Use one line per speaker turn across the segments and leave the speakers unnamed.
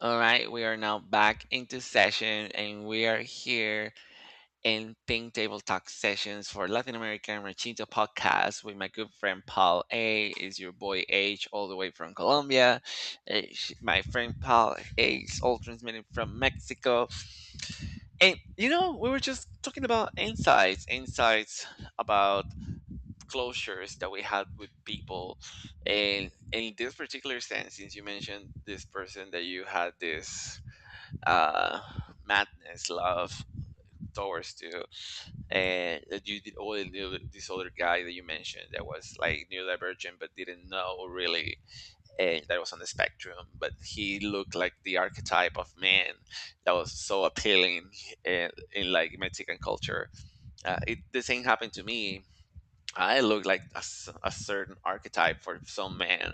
All right, we are now back into session and we are here in Think Table Talk sessions for Latin American Ranchito podcast with my good friend Paul A. Is your boy H all the way from Colombia. My friend Paul A is all transmitted from Mexico. And you know, we were just talking about insights, insights about closures that we had with people. And in this particular sense, since you mentioned this person that you had this uh, madness love towards to, and that you did all knew this other guy that you mentioned that was like neurodivergent but didn't know really, and that was on the spectrum but he looked like the archetype of man that was so appealing in like Mexican culture. It the same happened to me. I look like a certain archetype for some men.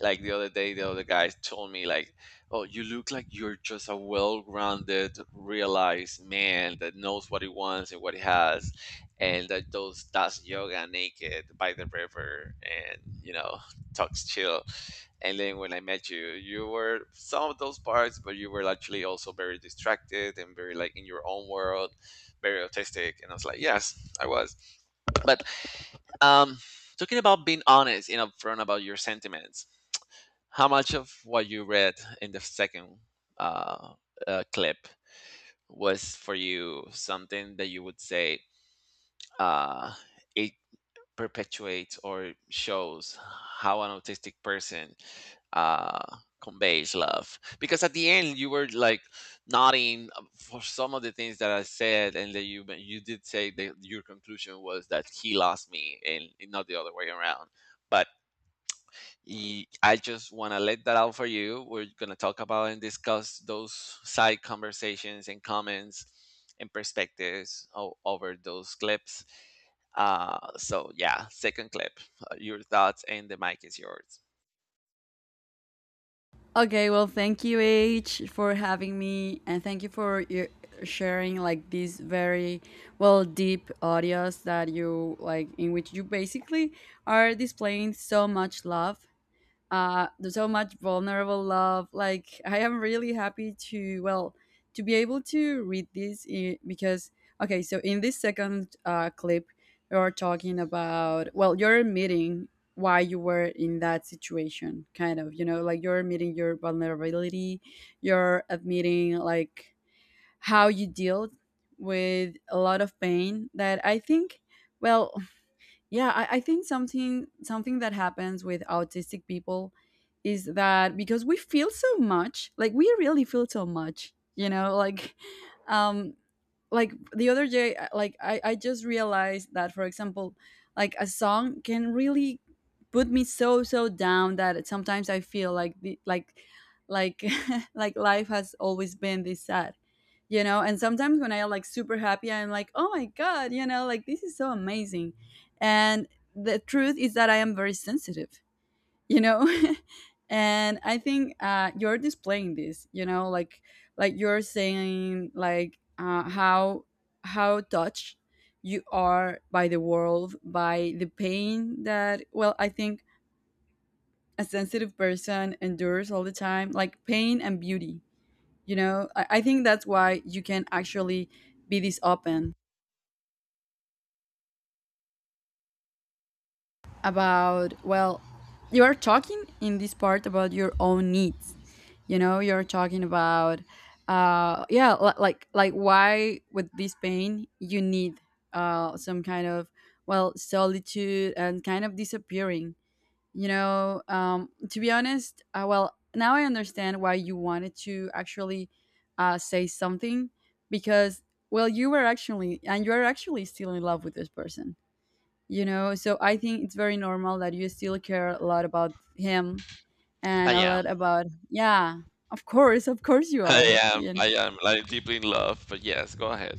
Like the other day the other guy told me like, oh, you look like you're just a well-grounded realized man that knows what he wants and what he has, and that does yoga naked by the river, and you know, talks chill. And then when I met you, you were some of those parts, but you were actually also very distracted and very like in your own world, very autistic, and I was like, yes, I was. But um talking about being honest and upfront about your sentiments, how much of what you read in the second uh, clip was for you something that you would say uh, it perpetuates or shows how an autistic person uh, conveys love? Because at the end, you were like nodding for some of the things that I said, and that you did say that your conclusion was that he lost me, and not the other way around. But I just want to let that out for you. We're going to talk about and discuss those side conversations and comments and perspectives over those clips. So yeah, second clip, your thoughts, and the mic is yours.
Okay, well, thank you, H, for having me, and thank you for your sharing like these very well deep audios that you like in which you basically are displaying so much love there's so much vulnerable love like I am really happy to well to be able to read this because okay so in this second clip you're talking about well you're admitting why you were in that situation kind of you know like you're admitting your vulnerability you're admitting like how you dealt with a lot of pain that I think well yeah, I think something that happens with autistic people is that because we feel so much, like we really feel so much, you know, um like the other day like I just realized that for example, like a song can really put me so down that sometimes I feel like the like like life has always been this sad, you know. And sometimes when I am like super happy I'm like oh my god, you know, like this is so amazing. And the truth is that I am very sensitive, you know. And I think you're displaying this you know like you're saying like how touched you are by the world by the pain that well I think a sensitive person endures all the time like pain and beauty, you know. I think that's why you can actually be this open about well you are talking in this part about your own needs, you know, you're talking about yeah like why with this pain you need some kind of well solitude and kind of disappearing, you know. To be honest well now I understand why you wanted to actually say something because well you were actually and you are actually still in love with this person, you know, so I think it's very normal that you still care a lot about him
I
and a lot
am,
about yeah of course you are, you know?
I am like deeply in love, but yes, go ahead.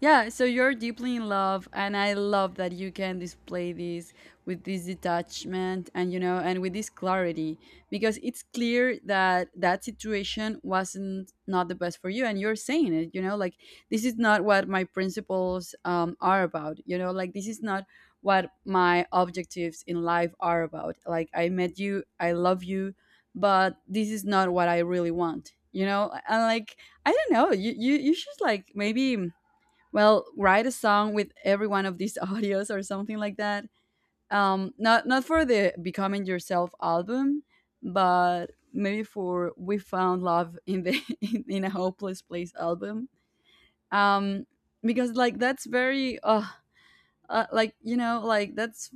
Yeah, so you're deeply in love, and I love that you can display this with this detachment and you know, and with this clarity because it's clear that that situation wasn't not the best for you, and you're saying it, you know, like this is not what my principles are about, you know, like this is not what my objectives in life are about. Like I met you, I love you, but this is not what I really want, you know, and like I don't know, you you should like maybe well write a song with every one of these audios or something like that. Not not for the Becoming Yourself album, but maybe for We Found Love in the in a Hopeless Place album. um because like that's very like you know like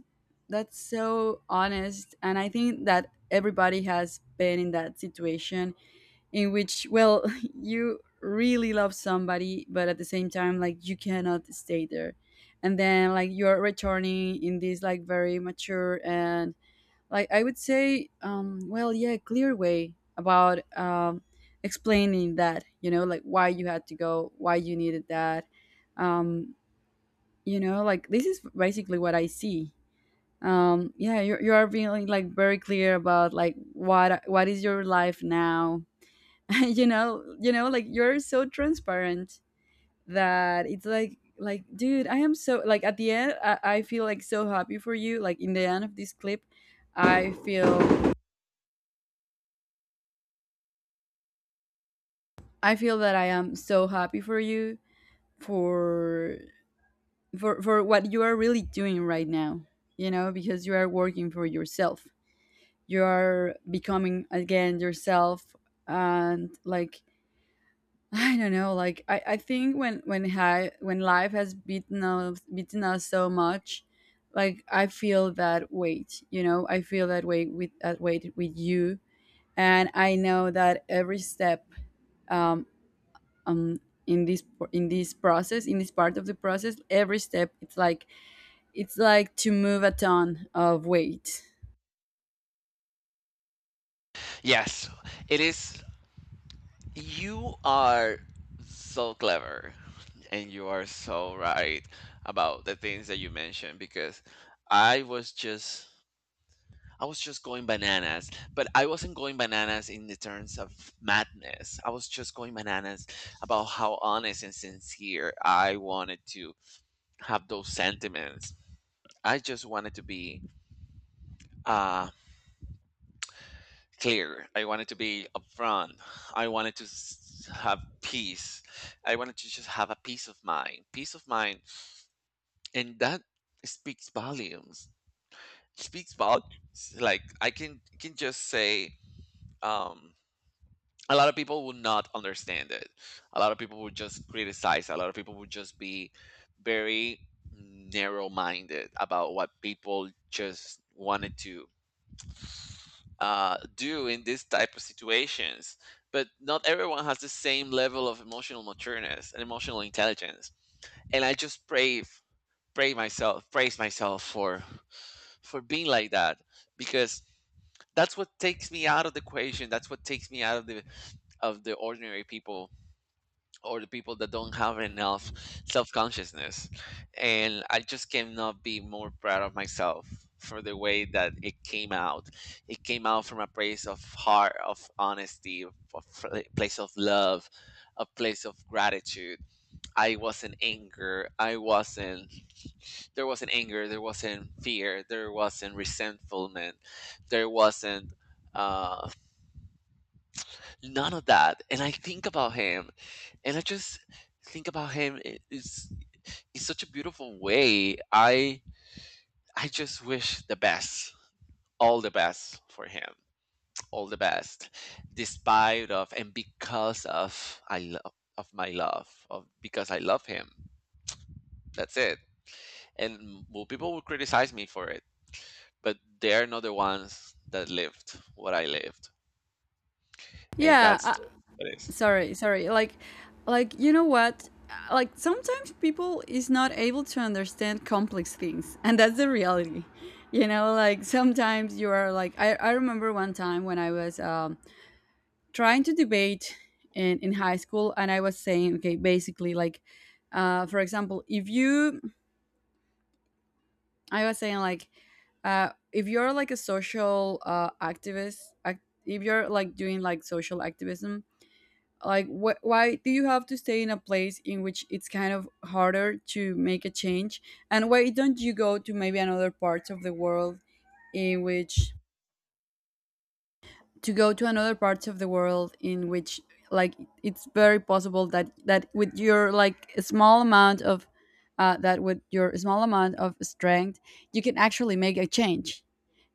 that's so honest and I think that everybody has been in that situation in which well you really love somebody but at the same time like you cannot stay there. And then like you're returning in this like very mature and like I would say well yeah clear way about explaining that, you know, like why you had to go, why you needed that. um you know, like this is basically what I see. Yeah, you are being like very clear about like what is your life now. You know, you know, like you're so transparent that it's like dude I am so like at the end I feel like so happy for you, like in the end of this clip I feel I feel that I am so happy for you for for what you are really doing right now, you know, because you are working for yourself, you are becoming again yourself. And like I don't know. Like I think when life has beaten us so much, like I feel that weight. You know, I feel that weight with you, and I know that every step, um, um, in this in this process, in this part of the process, every step, it's like to move a ton of weight.
Yes, it is. You are so clever and you are so right about the things that you mentioned, because I was just I was just going bananas, but I wasn't going bananas in the terms of madness. I was just going bananas about how honest and sincere I wanted to have those sentiments. I just wanted to be uh, clear. I wanted to be upfront. I wanted to have peace. I wanted to just have a peace of mind. Peace of mind. And that speaks volumes. Speaks volumes. Like I can just say, um a lot of people will not understand it. A lot of people will just criticize. A lot of people will just be very narrow minded about what people just wanted to do in this type of situations. But not everyone has the same level of emotional matureness and emotional intelligence. And I just pray, pray myself, praise myself for being like that, because that's what takes me out of the equation. That's what takes me out of the ordinary people, or the people that don't have enough self-consciousness. And I just cannot be more proud of myself for the way that it came out. It came out from a place of heart, of honesty, of place of love, a place of gratitude. I wasn't anger, I wasn't, there wasn't anger, there wasn't fear, there wasn't resentfulness, there wasn't uh none of that. And I think about him, and I just think about it's such a beautiful way. I just wish the best, all the best for him, all the best, despite of and because of I love of my love of because I love him. That's it. And well, people will criticize me for it, but they're not the ones that lived what I lived, and
Yeah,
what it is.
sorry like you know what like sometimes people is not able to understand complex things and that's the reality, you know, like sometimes you are like I remember one time when I was trying to debate in high school and I was saying okay basically like for example if you I was saying like if you're like a social activist act, if you're like doing like social activism like why do you have to stay in a place in which it's kind of harder to make a change and why don't you go to maybe another parts of the world in which to go to another parts of the world in which like it's very possible that with your like a small amount of strength you can actually make a change,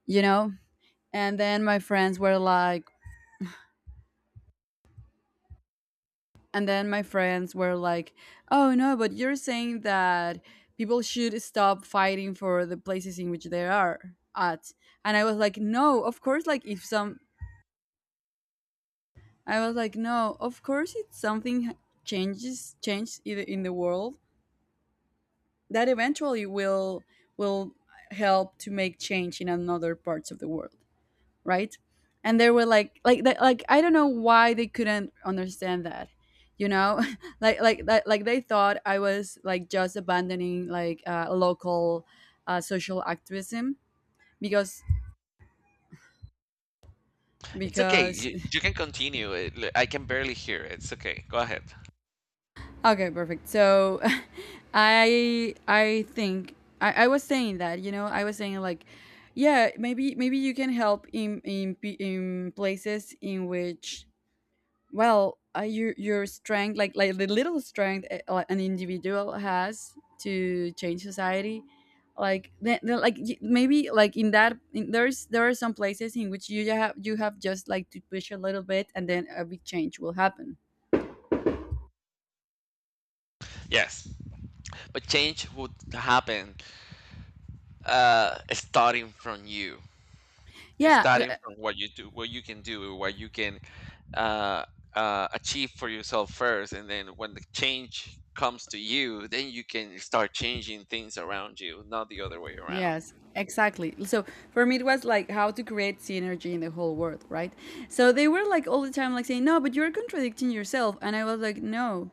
you know. and then my friends were like And then my friends were like, "Oh no, but you're saying that people should stop fighting for the places in which they are at." And I was like, "No, of course like if some I was like, "No, of course if something changes in the world, that eventually will help to make change in another parts of the world." Right? And they were like, like I don't know why they couldn't understand that, you know, like they thought I was like just abandoning like local social activism because
It's okay.
because.
You can continue. I can barely hear. It's okay. Go ahead.
Okay perfect, so I was saying that, you know, I was saying like yeah maybe you can help in places in which well your strength like the little strength an individual has to change society like maybe like in that in, there's there are some places in which you have just like to push a little bit and then a big change will happen
Yes. But change would happen starting from you,
yeah
starting from what you do, what you can do, what you can uh, achieve for yourself first. And then when the change comes to you, then you can start changing things around you, not the other way around.
Yes, exactly. So for me, it was like how to create synergy in the whole world, right? So they were like all the time, like saying, "No, but you're contradicting yourself," and I was like, "No,"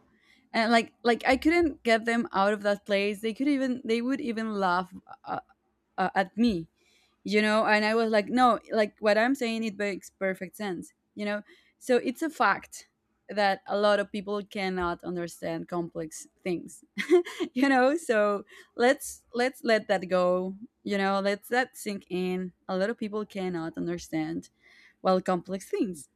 and like I couldn't get them out of that place. They could even they would even laugh uh, at me, you know. And I was like no, like what I'm saying it makes perfect sense, you know. So it's a fact that a lot of people cannot understand complex things. You know, so let's let that go, you know, let's that sink in. A lot of people cannot understand well complex things,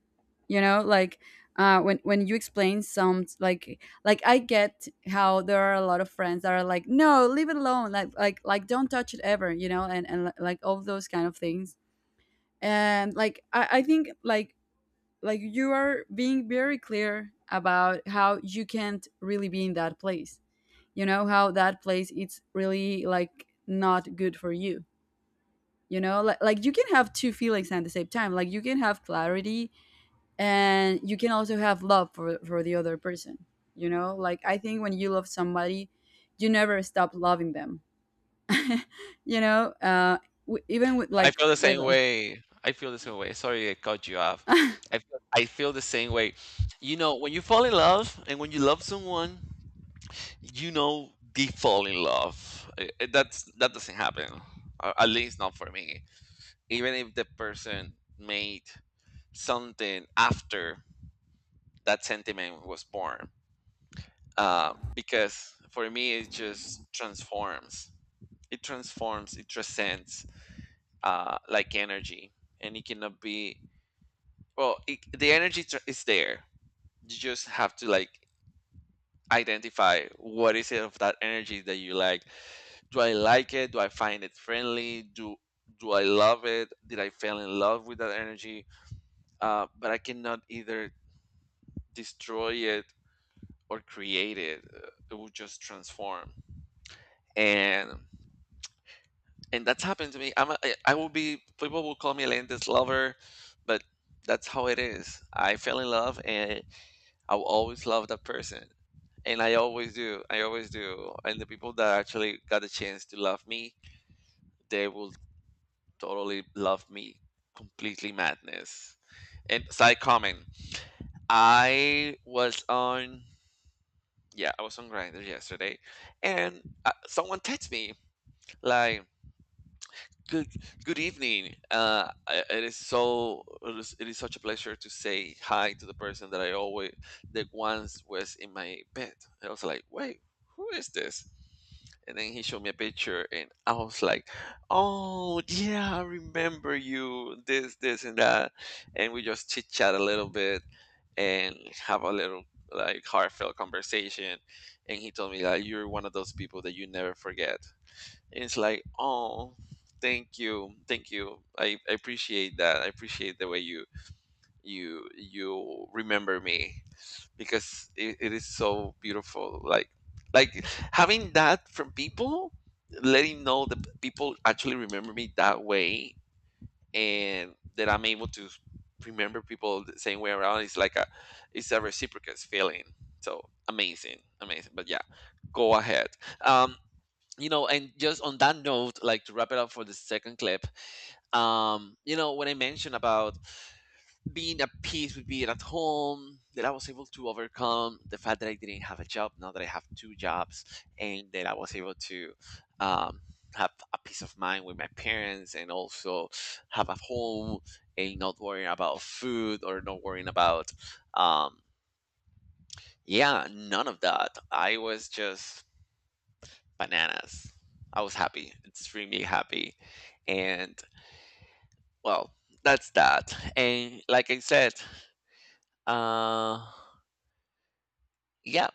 you know, like when you explain some like I get how there are a lot of friends that are like no leave it alone like don't touch it ever, you know, and like all those kind of things. And like I think like you are being very clear about how you can't really be in that place, you know how that place it's really like not good for you, you know like you can have two feelings at the same time like you can have clarity and you can also have love for the other person, you know. Like I think when you love somebody you never stop loving them. You know even with
I
like
feel the
with
same
a
way. I feel the same way. Sorry, I cut you off. I feel the same way. You know, when you fall in love and when you love someone, you know they fall in love. That's that doesn't happen. At least not for me. Even if the person made something after that sentiment was born, because for me it just transforms. It transforms. It transcends like energy, and it cannot be. Well, it, the energy is there. You just have to like identify what is it of that energy that you like. Do I like it? Do I find it friendly? Do I love it? Did I fall in love with that energy? But I cannot either destroy it or create it. It will just transform, and and that's happened to me. I will be, people will call me a Atlantis lover, but that's how it is. I fell in love, and I will always love that person, and I always do. I always do. And the people that actually got the chance to love me, they will totally love me completely madness. And side comment, I was on yeah, I was on Grinder yesterday, and someone texted me like. Good, good evening. It is so, it is such a pleasure to say hi to the person that I always that once was in my bed. I was like, wait, who is this? And then he showed me a picture, and I was like, "Oh yeah, I remember you. This, and that." And we just chit chat a little bit and have a little like heartfelt conversation. And he told me like, "You're one of those people that you never forget." And it's like, "Oh, thank you, thank you. I appreciate that. I appreciate the way you remember me, because it is so beautiful, like having that from people, letting know that people actually remember me that way, and that I'm able to remember people the same way around. It's like a, it's a reciprocous feeling, so amazing, amazing. But yeah, go ahead. um you know, and just on that note, like to wrap it up for the second clip, you know, when I mentioned about being at peace with being at home, that I was able to overcome the fact that I didn't have a job, now that I have two jobs, and that I was able to um, have a peace of mind with my parents, and also have a home, and not worrying about food or not worrying about, um, yeah, none of that. I was just bananas. I was happy, extremely happy. And well, that's that. And like I said, uh, yeah,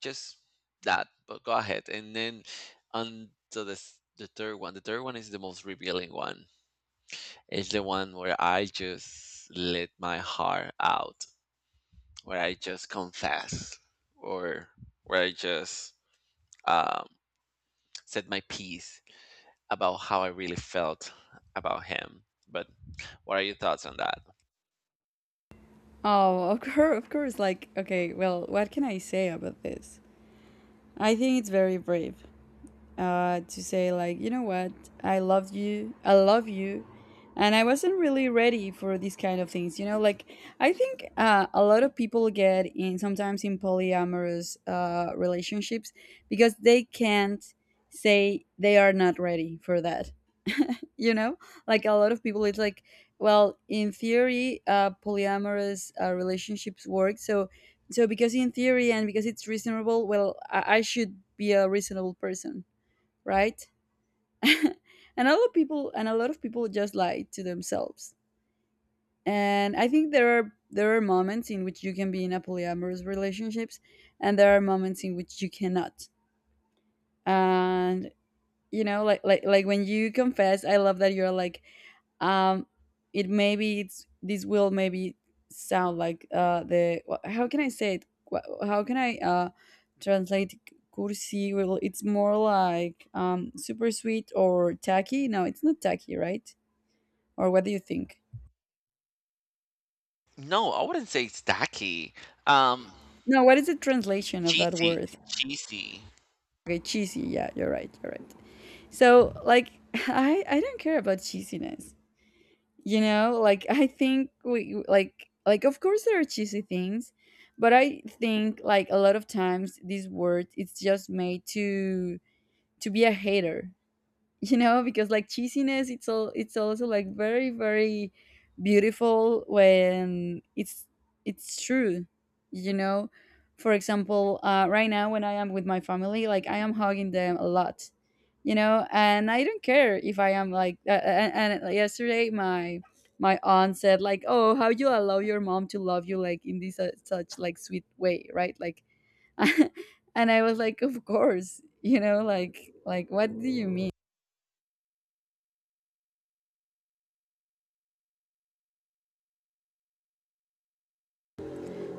just that, but go ahead, and then on to the third one. The third one is the most revealing one. It's the one where I just let my heart out, where I just confess, or where I just um, said my piece about how I really felt about him. But what are your thoughts on that?
oh of course like okay well what can I say about this. I think it's very brave to say like you know what I love you I love you and I wasn't really ready for these kind of things, you know, like I think a lot of people get in sometimes in polyamorous relationships because they can't say they are not ready for that. You know, like a lot of people it's like well in theory polyamorous relationships work so so because in theory and because it's reasonable well I should be a reasonable person, right. And a lot of people just lie to themselves. And I think there are moments in which you can be in a polyamorous relationships and there are moments in which you cannot. And you know like like when you confess I love that you're like um it maybe it's this will maybe sound like how can I say it. How can I translate cursi, well It's more like super sweet or tacky. No, it's not tacky, right? Or what do you think?
No, I wouldn't say it's tacky. um
No, what is the translation of that
cheesy.
word?
Cheesy.
Okay, cheesy. Yeah, you're right. You're right. So, like, I don't care about cheesiness. You know, like I think we like of course there are cheesy things, but I think like a lot of times this word it's just made to be a hater. You know, because like cheesiness it's all it's also like very beautiful when it's true, you know. For example, right now when I am with my family, like I am hugging them a lot, you know, and I don't care if I am like and like, yesterday my my aunt said like, oh, how you allow your mom to love you like in this such like sweet way, right? Like and I was like of course, you know, like what do you mean?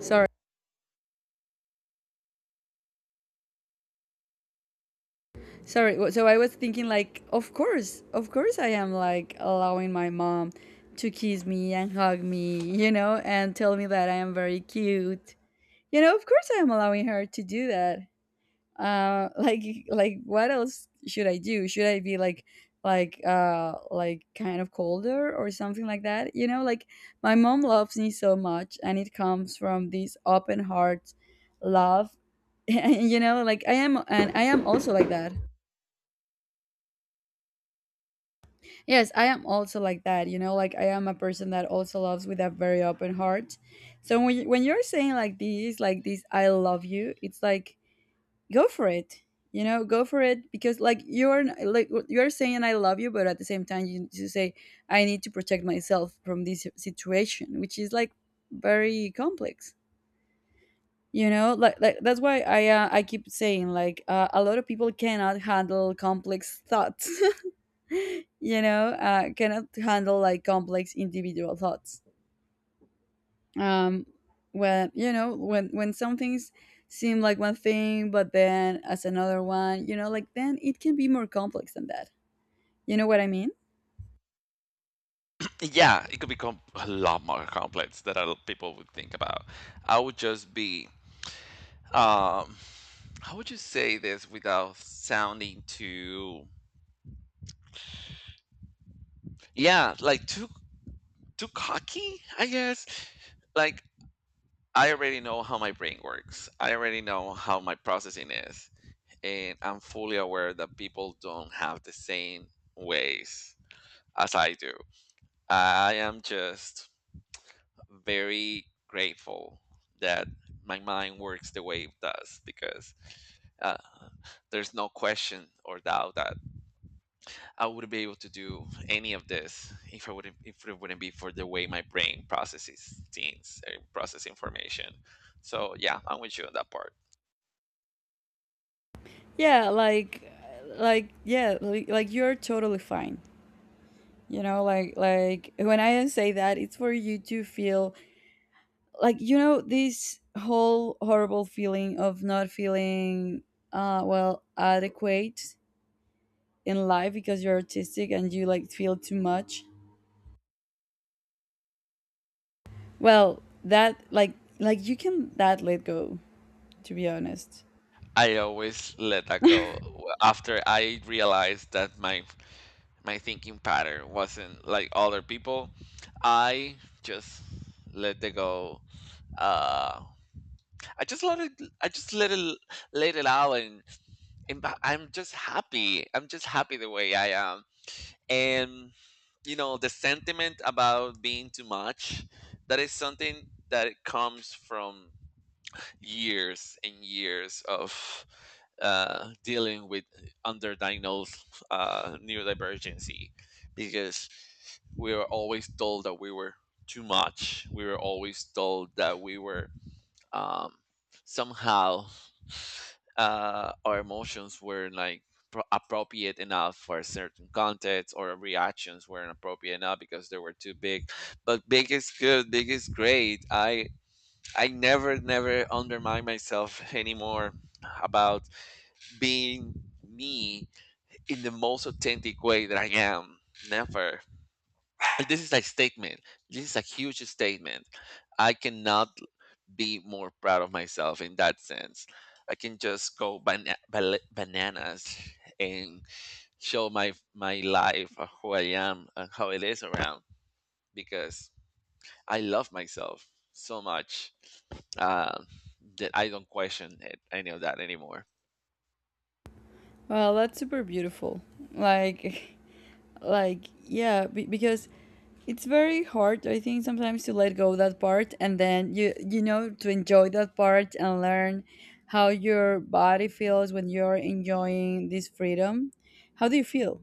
Sorry. Sorry, so I was thinking like, of course I am like allowing my mom to kiss me and hug me, you know, and tell me that I am very cute. You know, of course I am allowing her to do that. Like what else should I do? Should I be like like kind of colder or something like that? You know, like my mom loves me so much and it comes from this open heart love. You know, like I am, and I am also like that. Yes, I am also like that, you know, like I am a person that also loves with a very open heart. So when you, when you're saying like this I love you, it's like go for it. You know, go for it, because like you're saying I love you, but at the same time you, you say I need to protect myself from this situation, which is like very complex. You know, like, that's why I keep saying like a lot of people cannot handle complex thoughts, you know, cannot handle like complex individual thoughts. Um, when you know when some things seem like one thing, but then as another one, you know, like then it can be more complex than that. You know what I mean?
Yeah, it could become a lot more complex than a lot people would think about. I would just be, um, how would you say this without sounding too, yeah, like too cocky, I guess. Like I already know how my brain works. I already know how my processing is, and I'm fully aware that people don't have the same ways as I do. I am just very grateful that my mind works the way it does, because uh, there's no question or doubt that I wouldn't be able to do any of this if I wouldn't if it wouldn't be for the way my brain processes things and process information. So yeah, I'm with you on that part.
Yeah, like you're totally fine. You know, like when I say that, it's for you to feel like you know this whole horrible feeling of not feeling well adequate in life because you're artistic and you like feel too much. Well, that like you can that let go, to be honest.
I always let that go after I realized that my thinking pattern wasn't like other people. I just let it go. Uh, I just let it. I just let it out, and I'm just happy. I'm just happy the way I am, and you know the sentiment about being too much. That is something that it comes from years and years of dealing with underdiagnosed neurodivergency, because we were always told that we were too much. We were always told that we were um, somehow our emotions were like appropriate enough for a certain context, or reactions weren't appropriate enough because they were too big. But big is good, big is great. I never, never undermine myself anymore about being me in the most authentic way that I am. Never. This is a statement. This is a huge statement. I cannot be more proud of myself in that sense. I can just go bananas and show my life, who I am, and how it is around because I love myself so much. uh, that I don't question it, any of that anymore.
Well, that's super beautiful. Like like yeah, because it's very hard I think sometimes to let go that part and then you know to enjoy that part and learn how your body feels when you're enjoying this freedom. How do you feel?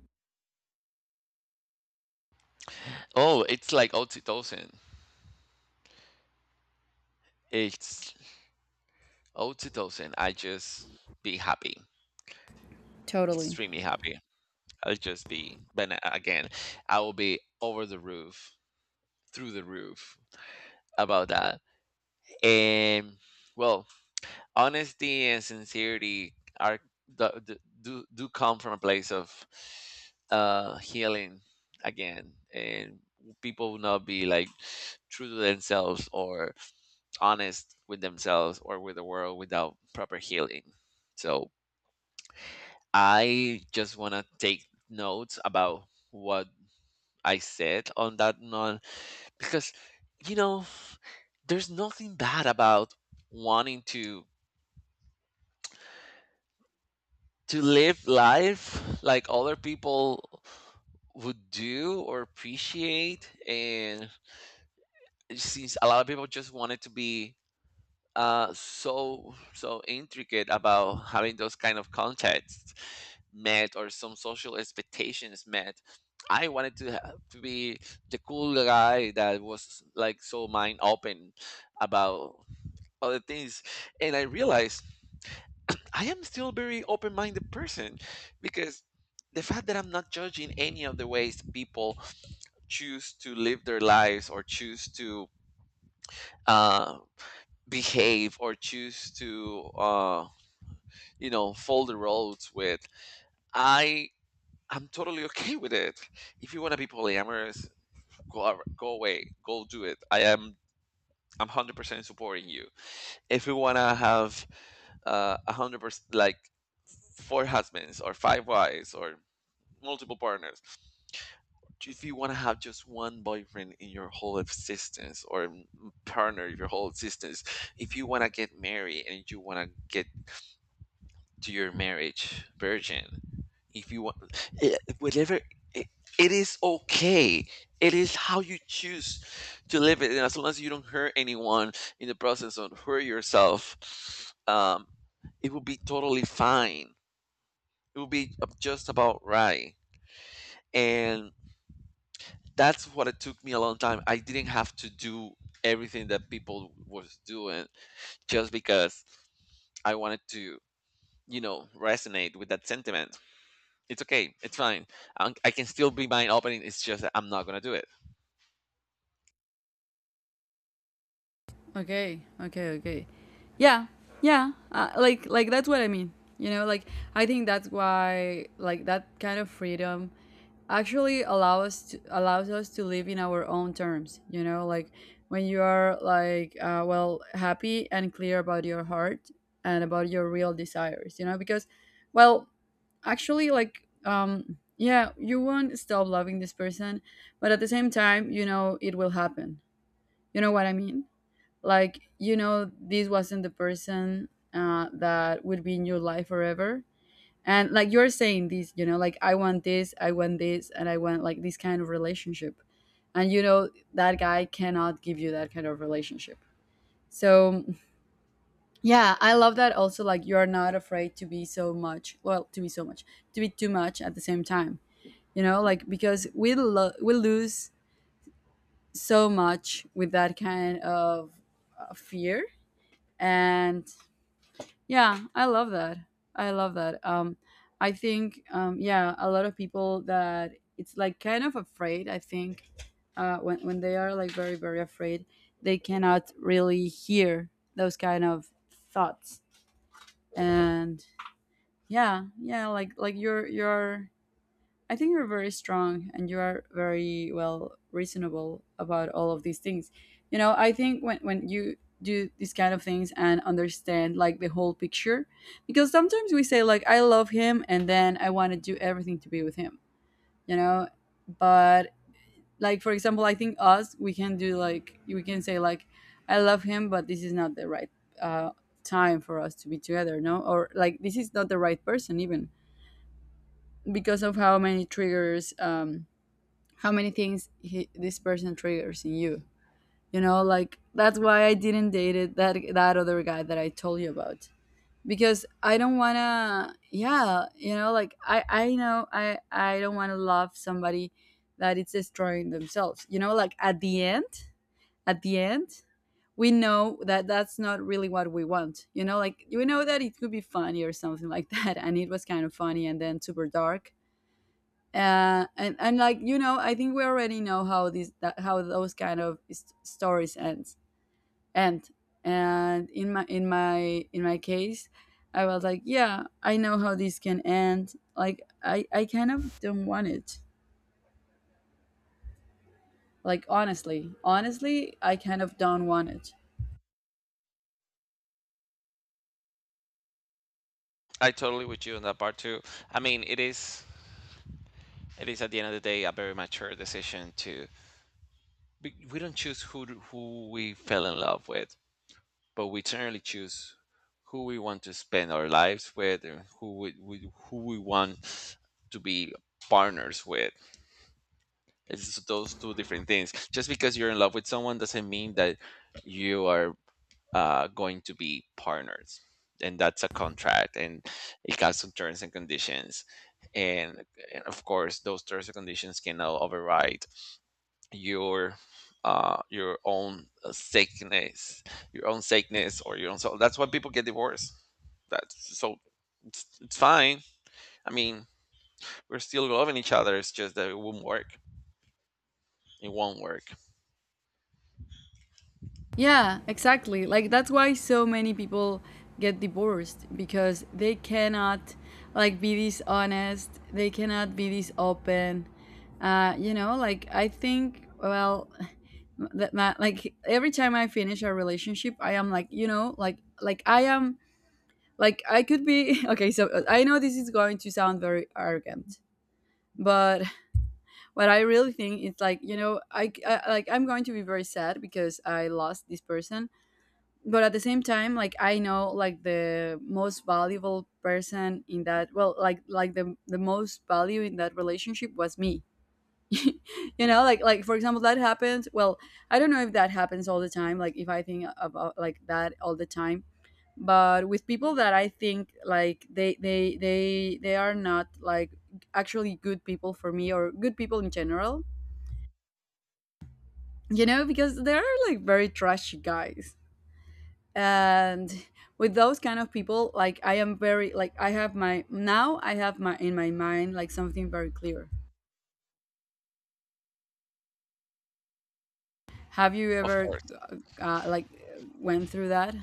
Oh, it's like oxytocin. It's oxytocin. I just be happy,
Totally.
extremely happy. I'll just be, but again, I will be over the roof, through the roof about that. And well, honesty and sincerity are do come from a place of healing again, and people will not be like true to themselves or honest with themselves or with the world without proper healing. So I just want to take notes about what I said on that note, because you know there's nothing bad about wanting to live life like other people would do or appreciate. And since a lot of people just wanted to be so intricate about having those kind of contexts met or some social expectations met, I wanted to to be the cool guy that was like so mind open about other things. And I realized I am still very open minded person, because the fact that I'm not judging any of the ways people choose to live their lives, or choose to uh, behave, or choose to fold the roads with, I am totally okay with it. If you want to be polyamorous, go away, go do it. I'm 100% supporting you. If you want to have 100% like four husbands or five wives or multiple partners. If you want to have just one boyfriend in your whole existence or partner in your whole existence, if you want to get married and you want to get to your marriage virgin, if you want, eh, whatever, it, it is okay. It is how you choose to live it. And as long as you don't hurt anyone in the process or hurt yourself, it will be totally fine. It will be just about right. And that's what it took me a long time. I didn't have to do everything that people was doing just because I wanted to, you know, resonate with that sentiment. It's okay. It's fine. I can still be mind opening. It's just that I'm not gonna do it.
Okay, okay, okay. Yeah, yeah. Like, that's what I mean. You know, like I think that's why, like that kind of freedom, actually allow us to allows us to live in our own terms. You know, like when you are like well happy and clear about your heart and about your real desires. You know, because well, actually, like yeah, you won't stop loving this person, but at the same time, you know, it will happen. You know what I mean? Like you know this wasn't the person that would be in your life forever. And like you're saying this, you know, like I want this, I want this, and I want like this kind of relationship, and you know that guy cannot give you that kind of relationship. So yeah, I love that also, like you're not afraid to be so much, well, to be so much, to be too much at the same time. You know, like because we lose so much with that kind of fear. And yeah, I love that. I love that. I think, yeah, a lot of people that it's like kind of afraid. I think when they are like very afraid, they cannot really hear those kind of thoughts. And yeah, yeah, like you're, I think you're very strong and you are very well reasonable about all of these things. You know, I think when you do these kind of things and understand like the whole picture, because sometimes we say like I love him and then I want to do everything to be with him, you know, but like for example, I think us we can do like we can say like I love him, but this is not the right uh, time for us to be together, no, or like this is not the right person even because of how many triggers, how many things this person triggers in you. You know, like that's why I didn't date it, that other guy that I told you about, because I don't wanna. Yeah, you know, like I know I don't wanna love somebody that it's destroying themselves. You know, like at the end, we know that that's not really what we want. You know, like we know that it could be funny or something like that, and it was kind of funny and then super dark, and like you know, I think we already know how how those kind of stories end. And in my case, I was like, yeah, I know how this can end. Like I kind of don't want it. Like honestly, honestly, I kind of don't want it.
I totally with you on that part too. I mean, it is at the end of the day a very mature decision to we don't choose who we fell in love with. But we generally choose who we want to spend our lives with, and who we want to be partners with. It's those two different things. Just because you're in love with someone doesn't mean that you are going to be partners. And that's a contract, and it has some terms and conditions, and, and of course, those terms and conditions cannot override your your own sickness, your own sickness or your own soul. That's why people get divorced. That's so it's fine. I mean, we're still loving each other, it's just that it won't work. It won't work.
Yeah, exactly. Like that's why so many people get divorced, because they cannot like be this honest. They cannot be this open. You know, like I think well, like every time I finish a relationship I am like, you know, like I am like I could be okay, so I know this is going to sound very arrogant, but what I really think is like, you know, I like I'm going to be very sad because I lost this person, but at the same time like I know like the most valuable person in that well like the most value in that relationship was me. You know, like for example that happens. Well, I don't know if that happens all the time, like if I think about like that all the time, but with people that I think like they are not like actually good people for me or good people in general, you know, because they are like very trashy guys. And with those kind of people, like I am very like I have my in my mind like something very clear. Have you
Of
ever
course.
like went through that?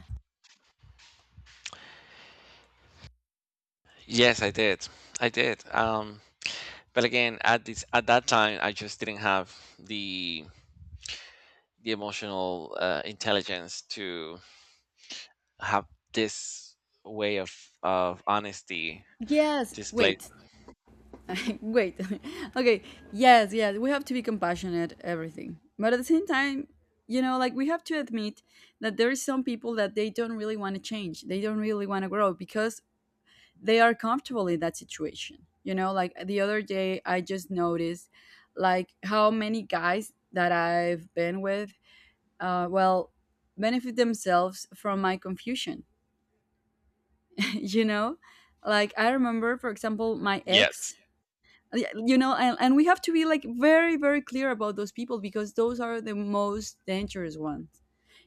Yes, I did. I did, um, but again at this at that time I just didn't have the emotional intelligence to have this way of honesty
Yes.
displayed.
Wait. Wait. Okay. Yes. Yes. We have to be compassionate. Everything. But at the same time, you know, like we have to admit that there is some people that they don't really want to change. They don't really want to grow because they are comfortable in that situation. You know, like the other day, I just noticed like how many guys that I've been with, well, benefit themselves from my confusion. You know, like I remember, for example, my
Yes,
ex. Yeah, you know, and we have to be like very clear about those people, because those are the most dangerous ones.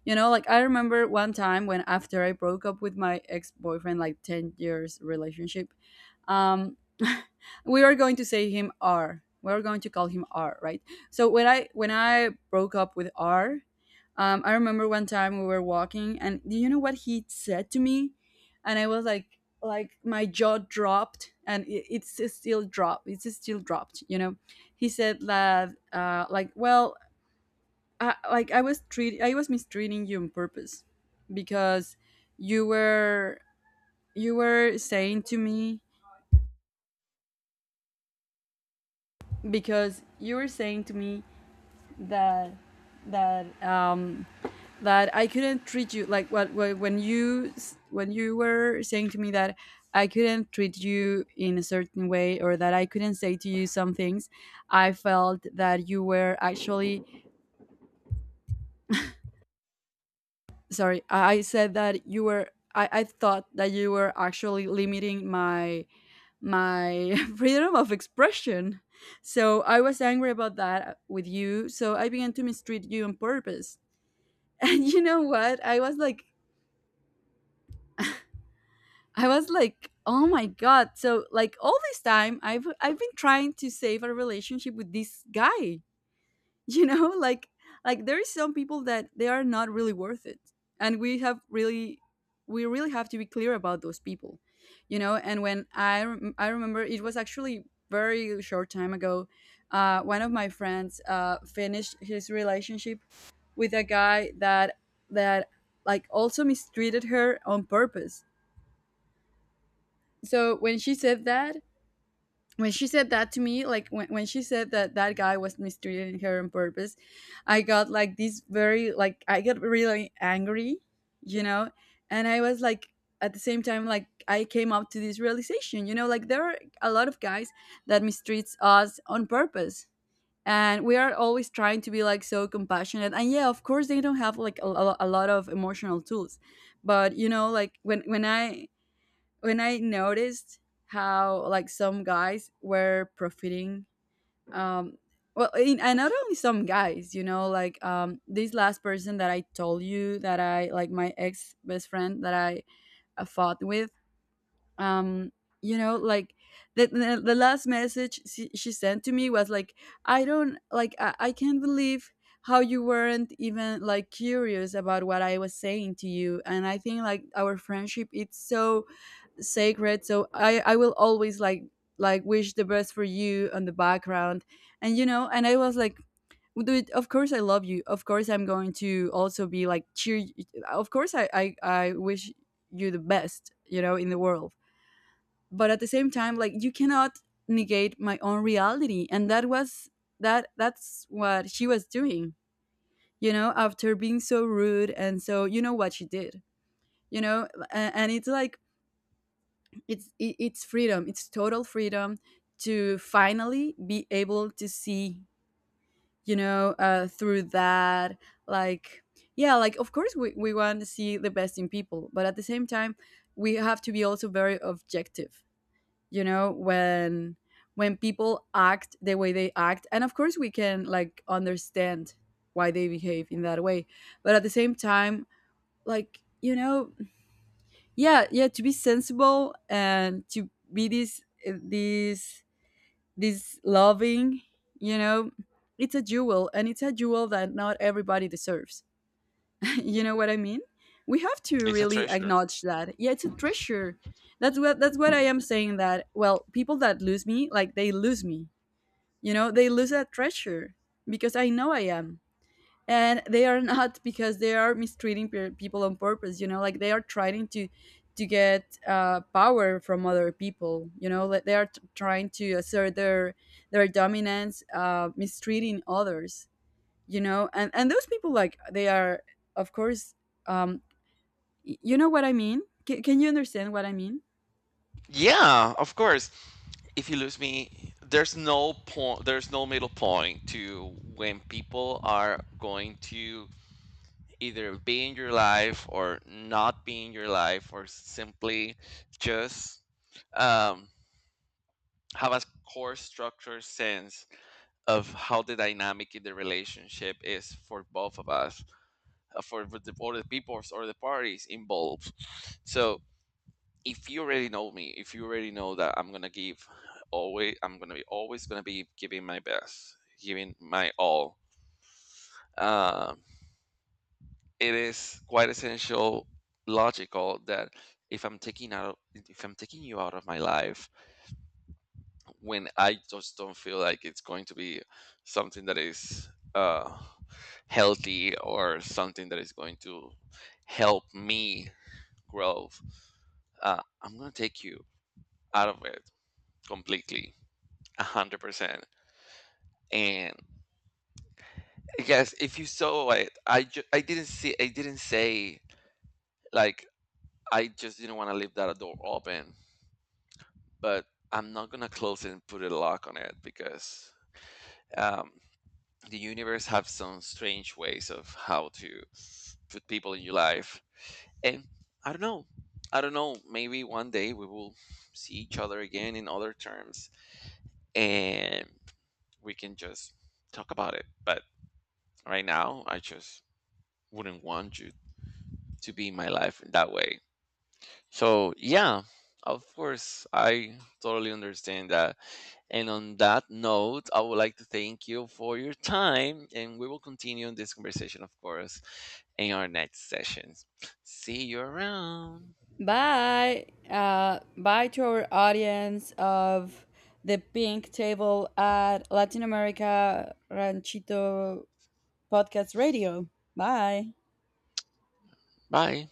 You know, like I remember one time when, after I broke up with my ex-boyfriend, like 10 years relationship, um we are going to say him R, we are going to call him R, right? So when I broke up with R, I remember one time we were walking, and do you know what he said to me? And I was like my jaw dropped, and it's still dropped. It's still dropped. You know, he said that, like, well, like I was I was mistreating you on purpose, because you were you were saying to me, because you were saying to me that that um that I couldn't treat you like what when you were saying to me that I couldn't treat you in a certain way or that I couldn't say to you some things. I felt that you were actually sorry. I said that you were. I thought that you were actually limiting my my freedom of expression. So I was angry about that with you. So I began to mistreat you on purpose. And you know what? I was like, oh my god. So like all this time I've been trying to save a relationship with this guy. You know, like there is some people that they are not really worth it. And we really have to be clear about those people. You know, and when I remember it was actually very short time ago, one of my friends finished his relationship with a guy that like also mistreated her on purpose. So when she said that to me, like when she said that that guy was mistreating her on purpose, I got like this very like I got really angry, you know. And I was like, at the same time, like I came up to this realization, you know, like there are a lot of guys that mistreats us on purpose, and we are always trying to be like so compassionate. And yeah, of course they don't have like a lot of emotional tools. But you know, like when I noticed how like some guys were profiting, um well and not only some guys, you know, like this last person that I told you that I like, my ex best friend that I fought with, um you know, like the last message she sent to me was like, I don't like I can't believe how you weren't even like curious about what I was saying to you, and I think like our friendship it's so sacred, so I will always like wish the best for you on the background. And you know, and I was like, dude, of course I love you. Of course I'm going to also be like cheer. Of course I I wish you the best, you know, in the world. But at the same time, like you cannot negate my own reality, and that was that. That's what she was doing, you know. After being so rude and so, you know what she did, you know, and it's like it's freedom, it's total freedom to finally be able to see, you know, through that. Like yeah, like of course we want to see the best in people, but at the same time we have to be also very objective. You know, when people act the way they act, and of course we can like understand why they behave in that way. But at the same time, like you know, yeah yeah, to be sensible and to be this this this loving, you know. It's a jewel, and it's a jewel that not everybody deserves. You know what I mean? We have to
it's a
really
treasure.
acknowledge that. Yeah, it's a treasure. That's what I am saying, that well, people that lose me, like they lose me, you know. They lose that treasure, because I know I am and they are not. Because they are mistreating people on purpose, you know. Like they are trying to get power from other people. You know, like they are trying to assert their dominance, mistreating others. You know, and those people, like they are, of course, um you know what I mean? Can you understand what I mean?
Yeah, of course. If you lose me, there's no point. There's no middle point to when people are going to either be in your life or not be in your life, or simply just um, have a core structure sense of how the dynamic in the relationship is for both of us, for or the people or the parties involved. So if you already know me, if you already know that I'm gonna give always, I'm gonna be always gonna be giving my best, giving my all. Um, it is quite essential, logical that if I'm taking you out of my life, when I just don't feel like it's going to be something that is uh, healthy, or something that is going to help me grow, I'm gonna take you out of it completely, 100%. And yes, if you saw it, I didn't say, like, I just didn't want to leave that door open, but I'm not gonna close it and put a lock on it, because um, the universe have some strange ways of how to put people in your life. And I don't know, I don't know, maybe one day we will see each other again in other terms, and we can just talk about it. But right now I just wouldn't want you to be my life in that way. So yeah, of course, I totally understand that. And on that note, I would like to thank you for your time, and we will continue this conversation, of course, in our next sessions. See you around.
Bye. Bye to our audience of The Pink Table at Latin America Ranchito Podcast Radio. Bye.
Bye.